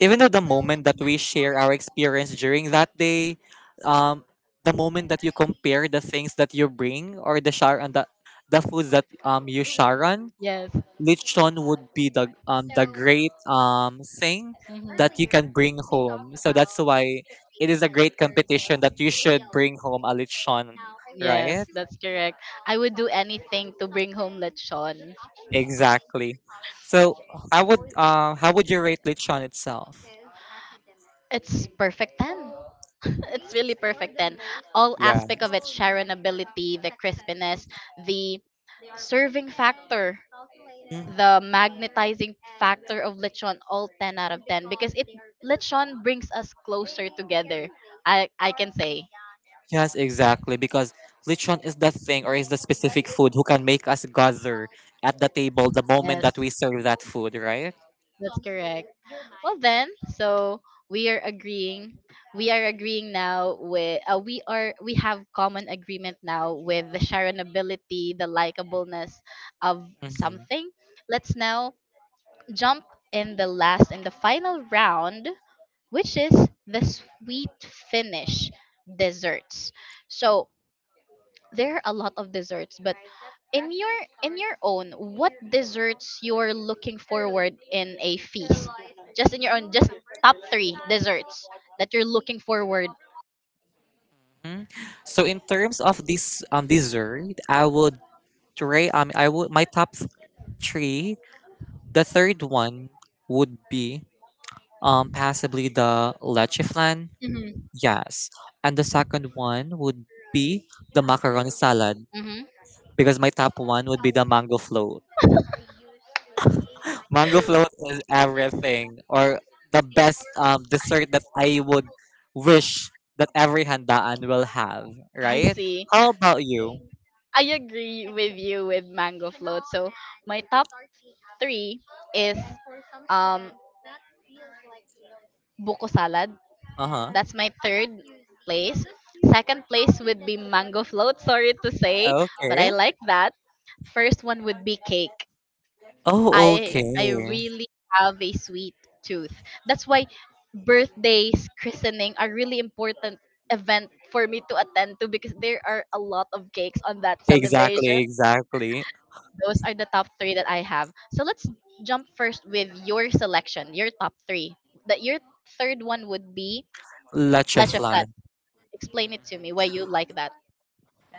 Even though the moment that we share our experience during that day, um, the moment that you compare the things that you bring or the share and the foods that you share Yes. lechon would be the great thing that you can Mhm. bring home. So that's why it is a great competition that you should bring home a lechon, right? Yes, that's correct. I would do anything to bring home lechon. Exactly. So how would you rate lechon itself? It's perfect 10. (laughs) It's really perfect 10. All Yeah. aspect of its sharonability, the crispiness, the serving factor, Mm. the magnetizing factor of lechon, all 10 out of 10, because it lechon brings us closer together, I can say. Yes, exactly. Because lechon is the thing or is the specific food who can make us gather at the table the moment that Yes. we serve that food, right? That's correct. Well then, so we are agreeing. We are agreeing now with we have common agreement now with the sharonability, the likableness of Mhm. something. Let's now jump in the last and the final round, which is the sweet finish desserts. So there are a lot of desserts, but in your in your own, what desserts you're looking forward in a feast? Just in your own, just top three desserts that you're looking forward. So in terms of this dessert, I would Dre, I would my top three. The third one would be possibly the leche flan. Mm-hmm. Yes, and the second one would be the macaroni salad Mm-hmm. because my top one would be the mango float. Mango float is everything, or the best dessert that I would wish that every handaan will have. I Right? see. How about you? I agree with you with mango float. So my top three is um buko salad. Uh huh. That's my third place. Second place would be mango float, sorry to say, but Okay. I like that. First one would be cake. Oh, I okay. I really have a sweet tooth. That's why birthdays, christening are really important event for me to attend to, because there are a lot of cakes on that celebration. Exactly, exactly. Those are the top three that I have. So let's jump first with your selection, your top three. That your third one would be Leche leche flat. flan. Explain it to me why you like that.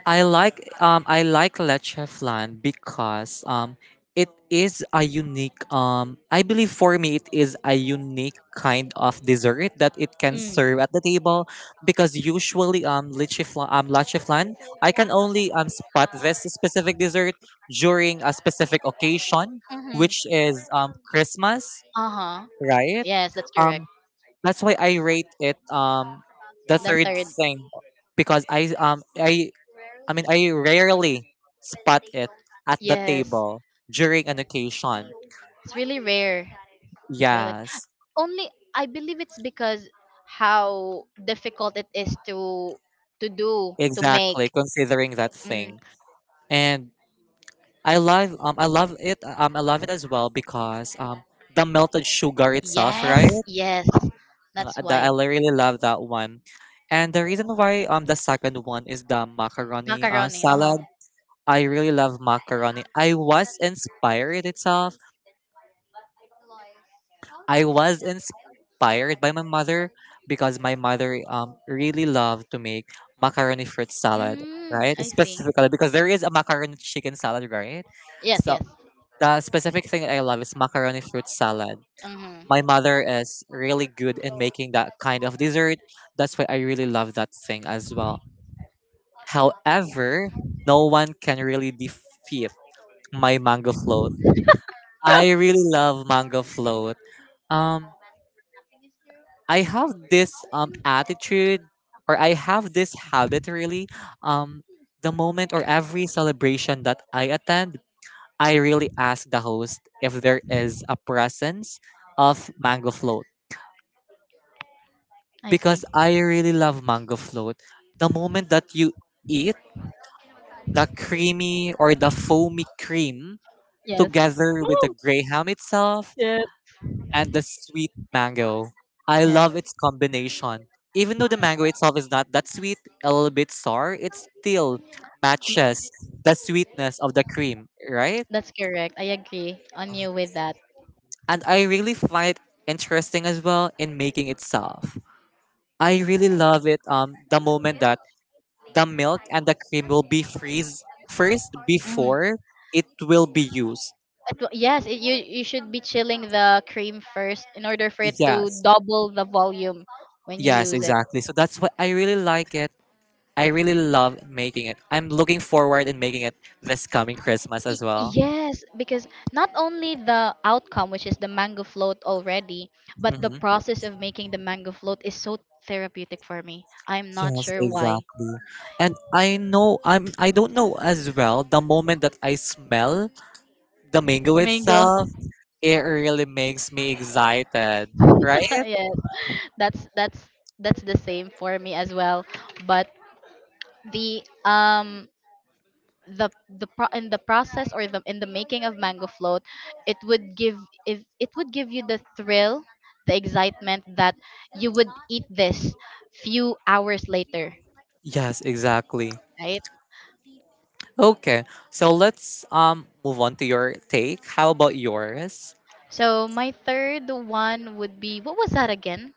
I like leche flan because it is a unique I believe for me it is a unique kind of dessert that it can Mm. serve at the table because usually leche flan I can only spot this specific dessert during a specific occasion Hmm. which is Christmas, Uh huh. right? Yes, that's correct. um. That's why I rate it the The third third. thing because I mean I rarely spot it at the Yes. table during an occasion. It's really rare. It's really Yes, only, I believe, it's because how difficult it is to do to make. exactly. Considering that Mm. thing, and I love it as well because the melted sugar itself, right? Yes, yes. That's that I why. really love that one, and the reason why the second one is the macaroni, Macaroni, uh-huh. salad I really love macaroni. I was inspired itself. I was inspired by my mother because my mother really loved to make macaroni fruit salad, Mm, right? I see. Specifically because there is a macaroni chicken salad, right? Yes, So yes. the specific thing that I love is macaroni fruit salad. Mm-hmm. My mother is really good in making that kind of dessert. That's why I really love that thing as well. However, no one can really defeat my mango float. I really love mango float. Um, I have this attitude, or I have this habit really. Um, the moment or every celebration that I attend, I really ask the host if there is a presence of mango float I see. because I really love mango float. The moment that you eat the creamy or the foamy cream Yes. together with the graham itself Yes. and the sweet mango. I Yes. love its combination. Even though the mango itself is not that sweet, a little bit sour, it still M- matches the sweetness of the cream, right? That's correct. I agree on you with that. And I really find it interesting as well in making itself. I really love it the moment that the milk and the cream will be freeze first Mhm. before it will be used. Yes, you should be chilling the cream first in order for it to Yes. double the volume when you Yes, use it. exactly. So that's what I really like it. I really love making it. I'm looking forward in making it this coming Christmas as well. Yes, because not only the outcome, which is the mango float already, but the Hmm. process of making the mango float is so therapeutic for me. I'm not Yes, sure why. exactly. And I know I'm. I don't know as well. The moment that I smell the mango Mango. itself, it really makes me excited, (laughs) right? Yes. That's that's that's the same for me as well. But the um the in the process, or the in the making of mango float, it would give if it would give you the thrill, the excitement that you would eat this few hours later, Yes, exactly. right? Okay, so let's move on to your take. How about yours? So my third one would be, what was that again?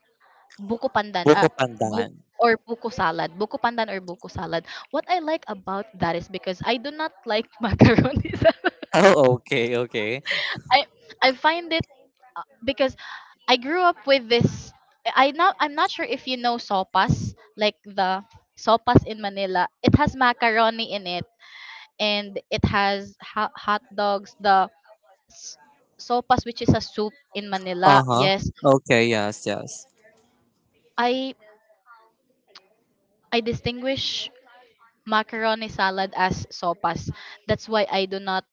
Buko pandan, Buko bu- pandan. or buko salad. Buko pandan or buko salad, what I like about that is because I do not like (laughs) macaroni salad. Oh, okay, okay. I i find it, because I grew up with this. I'm not sure if you know sopas, like the sopas in Manila. It has macaroni in it, and it has hot dogs. The s- sopas, which is a soup in Uh Manila. huh. Yes, Okay, yes, yes. I I distinguish macaroni salad as sopas. That's why I do not.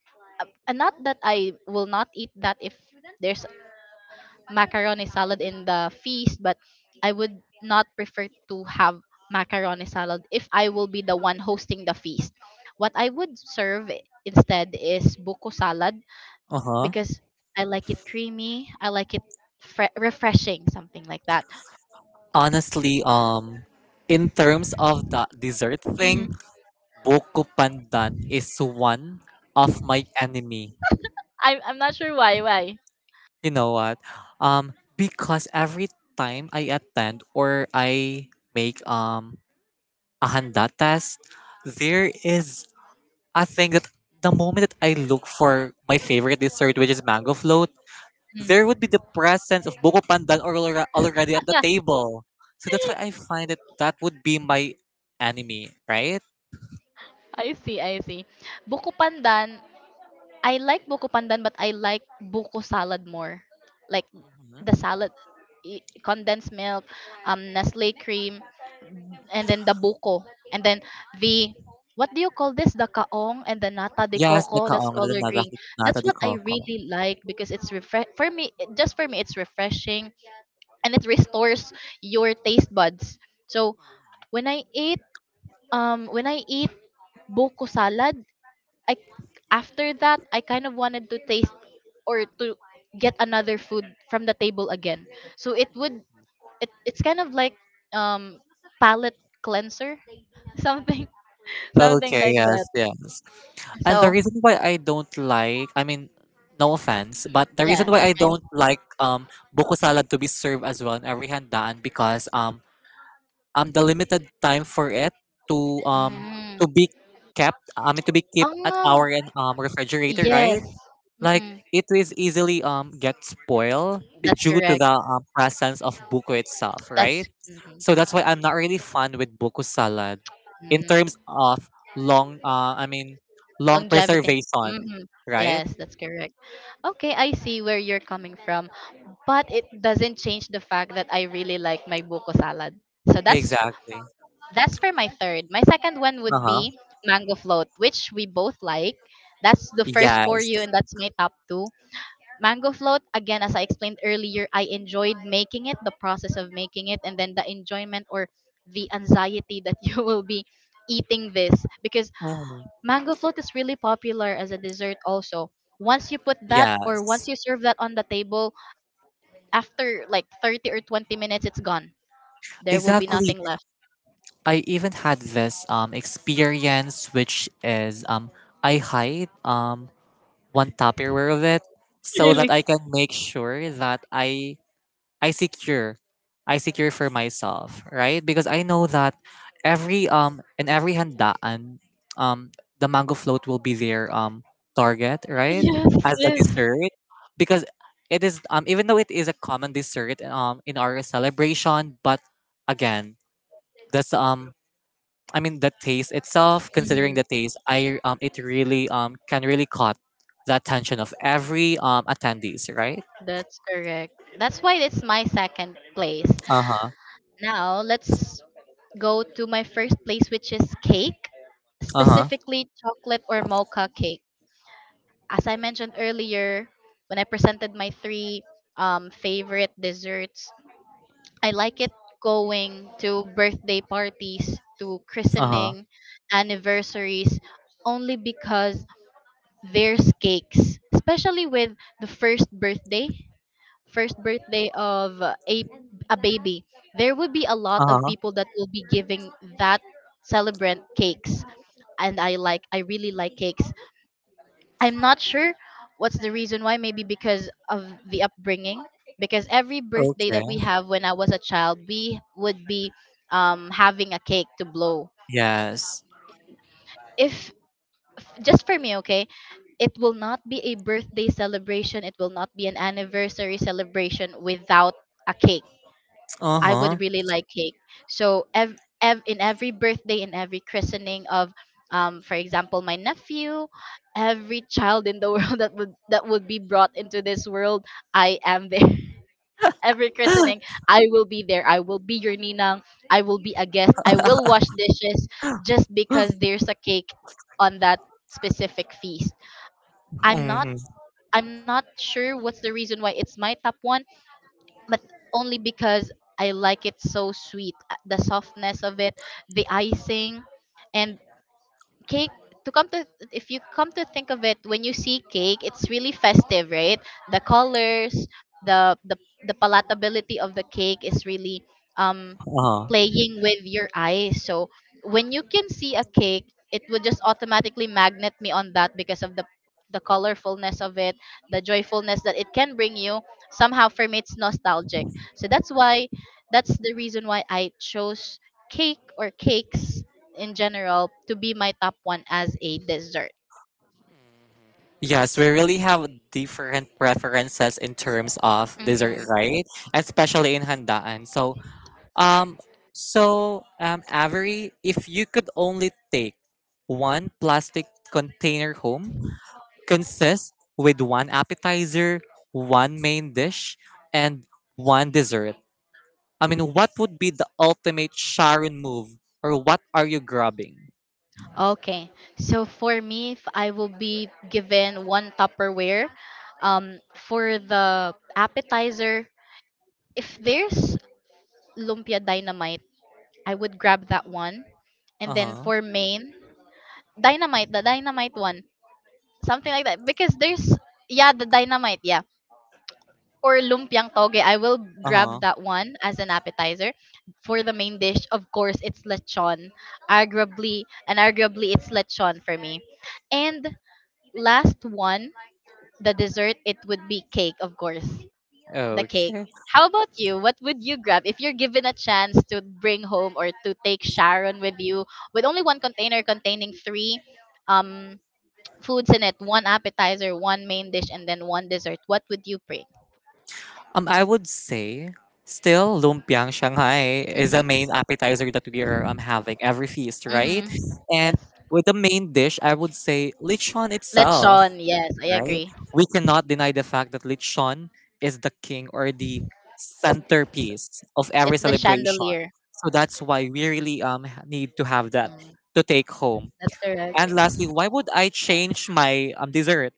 And not that I will not eat that if there's macaroni salad in the feast, but I would not prefer to have macaroni salad if I will be the one hosting the feast. What I would serve instead is buko salad, Uh huh. because I like it creamy, I like it refreshing, something like that. Honestly, in terms of the dessert thing, Mhm. buko pandan is one of my enemy. I'm not sure why. You know what? Because every time I attend or I make a handa test, there is a thing that the moment that I look for my favorite dessert, which is mango float, there Mm. would be the presence of buko pandan or alre- already at the (laughs) table. So that's why I find that that would be my enemy, right? I see. I see. Buko pandan I like buko pandan, but I like buko salad more. Like Mhm. the salad, condensed milk, Nestle cream, and then the buko, and then the what do you call this? The kaong and the nata de Yes, the coco. That's kaong, the color green. nagakitnata That's de what I coco. really like because it's refresh for me. Just for me, it's refreshing and it restores your taste buds. So when when I eat buko salad, I after that I kind of wanted to taste or to get another food from the table again. So it's kind of like um palate cleanser, (laughs) something something Okay, like yes, that. yes. And the So reason why I don't like, I mean, no offense, but the reason yeah, why that's I mine. don't like buko salad to be served as well in every handaan because the limited time for it to um Mm. to be kept, I mean to be kept at Oh our refrigerator, right? yes. Like Mm, it is easily get spoiled that's due to correct. the, presence of buko itself, That's right? mm, So that's why I'm not really fond with buko salad in mm, terms of long I mean long longevity. preservation, Hmm. right? Yes, that's correct. Okay, I see where you're coming from, but it doesn't change the fact that I really like my buko salad. So that's Exactly. that's for my third. My second one would Uh-huh. be mango float, which we both like. That's the first for you, Yes. and that's my top two. Mango float, again, as I explained earlier, I enjoyed making it, the process of making it, and then the enjoyment or the anxiety that (laughs) you will be eating this, because Mhm. mango float is really popular as a dessert also. Once you put that, or once Yes. you serve that on the table, after like 30 or 20 minutes, it's gone. There will be nothing Exactly. left. I even had this experience which is I hide one Tupperware of it so that I can make sure that I secure for myself, right? Because I know that every in every handaan, um the mango float will be their target, right? As a dessert, because it is even though it is a common dessert in our celebration, but again, that's I mean the taste itself. Considering the Hmm. taste, I it really can really caught the attention of every attendees, right? That's correct. That's why it's my second place. Uh huh. Now let's go to my first place, which is cake, Uh huh. specifically chocolate or mocha cake. As I mentioned earlier when I presented my three favorite desserts, I like it going to birthday parties, to Uh huh. christening, anniversaries, only because there's cakes, especially with the first birthday, of a baby. There would be a Uh lot of huh. people that will be giving that celebrant cakes, and I really like cakes. I'm not sure what's the reason why. Maybe because of the upbringing. Because every birthday Okay. that we have when I was a child, we would be having a cake to blow. Yes. If, just for me, okay, it will not be a birthday celebration, it will not be an anniversary celebration without a cake. Uh I huh. would really like cake, so in every birthday, in every christening of, for example, my nephew, every child in the (laughs) world that would be brought into this world, I am there. (laughs) Every (gasps) christening, I will be there, I will be your ninang, I will be a guest, I will wash dishes, just because there's a cake on that specific feast. I'm not Hmm. I'm not sure what's the reason why it's my top one, but only because I like it so sweet. The softness of it, the icing, and cake to come to if you come to think of it, when you see cake, it's really festive, right? The colors, the the, the palatability of the cake is really um Uh-huh. playing with your eyes. So when you can see a cake, it would just automatically magnet me on that, because of the colorfulness of it, the joyfulness that it can bring you, somehow for me it's nostalgic. So that's the reason why I chose cake or cakes in general to be my top one as a dessert. Yes, we really have different preferences in terms of Mm-hmm. dessert, right? Especially in handaan. Um, so, Avery, if you could only take one plastic container home, consist with one appetizer, one main dish, and one dessert. I mean, what would be the ultimate Sharon move, or what are you grabbing? Okay. So for me, if I will be given one Tupperware, for the appetizer, if there's lumpia dynamite, I would grab that one. And Uh then huh. for main, dynamite, the dynamite one, something like that. Because there's, yeah, the dynamite, yeah, or lumpiang toge, I will Uh-huh. grab that one as an appetizer. For the main dish, of course, it's lechon. Arguably, it's lechon for me. And last one, the dessert, it would be cake, of course. The cake. Okay. How about you? What would you grab if you're given a chance to bring home or to take Sharon with you with only one container containing three um, foods in it, one appetizer, one main dish, and then one dessert? What would you bring? I would say still lumpiang Shanghai is the Mm-hmm. main appetizer that we are having every feast, right? Mm-hmm. And Yes. with the main dish, I would say lechon itself, Lechon. Yes, I right? agree. We cannot deny the fact that lechon is the king or the S- centerpiece of every It's the celebration. chandelier. So that's why we really need to have that Mm, to take home. that's correct. And lastly, why would I change my dessert?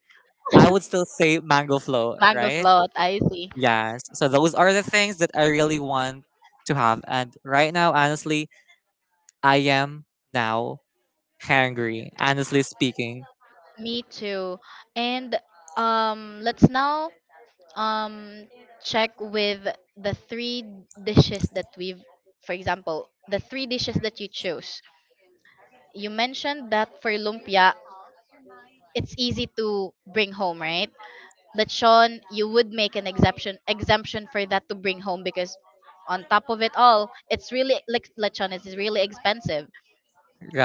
I (laughs) would still say mango flow, Mango right? float. I see. Yes. So those are the things that I really want to have. And right now, honestly, I am now hungry, honestly speaking. Me too. And let's now um check with the three dishes that the three dishes that you chose. You mentioned that for lumpia, it's easy to bring home, right? That Sean, you would make an exemption for that to bring home because on top of it all, it's really lechon is really expensive.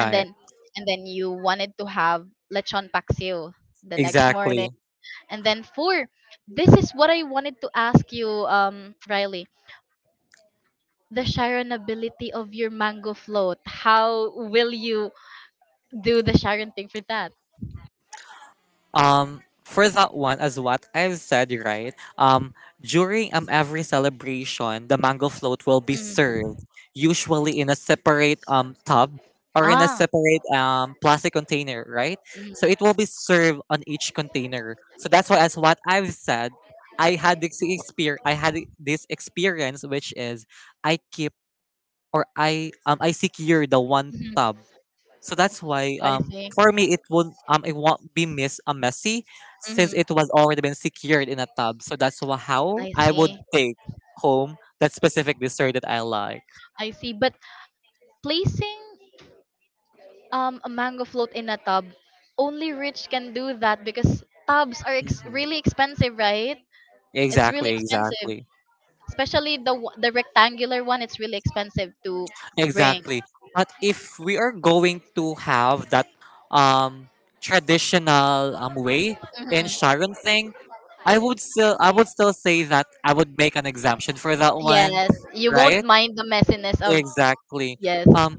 And then and then you wanted to have lechon paksiw the next morning. Exactly. And then four, this is what I wanted to ask you, Riley. The sharonability of your mango float. How will you do the sharon thing for that? For that one, as what I've said, right? During every celebration, the mango float will be Mm. served, usually in a separate tub or in a Ah. separate plastic container, right? So Mm. it will be served on each container. So that's why, as what I've said, I had this experience, which is I keep or I secure the one Mhm. tub so that's why I see. for me it won't be miss a messy since Hmm. it was already been secured in a tub. So how I I would see. take home that specific dessert that I like. I see. But placing a mango float in a tub, only rich can do that because tubs are Mhm. really expensive, right? It's really Exactly, expensive, exactly. especially the the rectangular one. It's really expensive to bring. Exactly. But if we are going to have that um traditional way in Sharon Hmm. thing, I would still say that I would make an exemption for that one, Yes, you won't right? mind the messiness of Exactly. yes, Um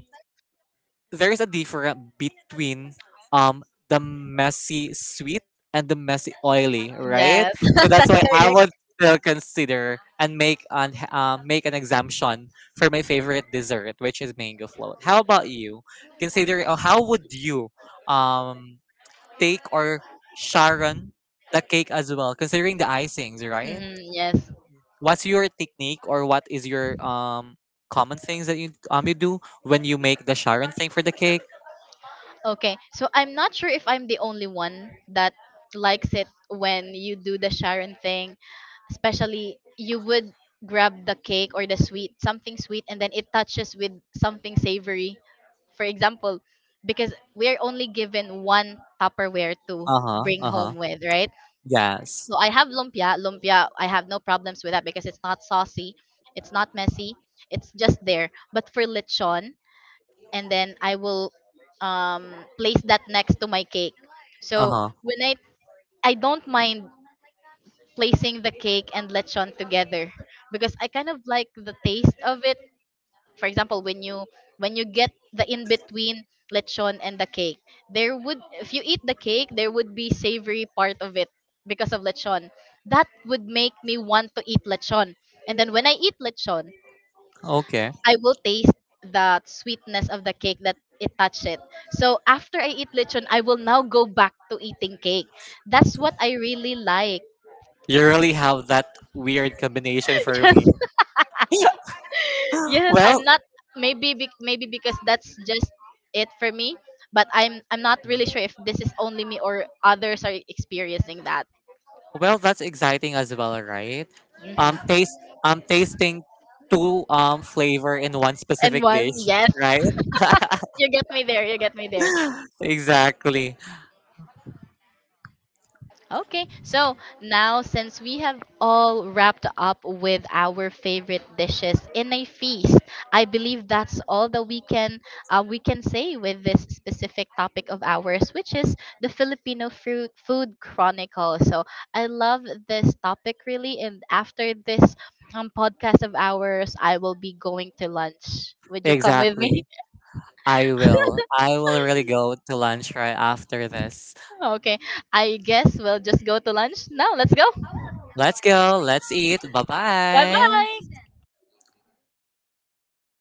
there is a difference between um the messy sweet and the messy oily, right? yes. So (laughs) that's That's why I correct. would still consider and make an exemption for my favorite dessert, which is mango float. How about you? Consider how would you um take or Sharon the cake as well, considering the icings, right? Hmm, yes. What's your technique or what is your common things that you do when you make the Sharon thing for the cake? Okay, so I'm not sure if I'm the only one that likes it when you do the Sharon thing. Especially, you would grab the cake or the sweet, something sweet, and then it touches with something savory. For example, because we are only given one Tupperware to Uh-huh, bring uh-huh. home with, right? Yes. So I have lumpia. Lumpia, I have no problems with that because it's not saucy, it's not messy, it's just there. But for lechon, and then I will um, place that next to my cake. So Uh-huh. when I don't mind placing the cake and lechon together because I kind of like the taste of it. For example, when you get the in between lechon and the cake, there would if you eat the cake, there would be savory part of it because of lechon. That would make me want to eat lechon. And then when I eat lechon, Okay. I will taste the sweetness of the cake that it touched it. So after I eat lechon, I will now go back to eating cake. That's what I really like. (laughs) You really have that weird combination for Yes, me. (laughs) yes. I'm Well, not maybe because that's just it for me. But I'm not really sure if this is only me or others are experiencing that. well, that's exciting as well, right? Um, Mhm. taste, tasting two flavor in one And specific one, dish, yes. right? (laughs) You get me there. You get me there. Exactly, Okay, so now since we have all wrapped up with our favorite dishes in a feast, I believe that's all that we can say with this specific topic of ours, which is the Filipino fruit food chronicle. So I love this topic really, and after this podcast of ours, I will be going to lunch. Would you come with me? exactly. (laughs) I will. I will really go to lunch right after this. Okay, I guess we'll just go to lunch now. Let's go. Let's go. Let's eat. Bye Bye bye. bye.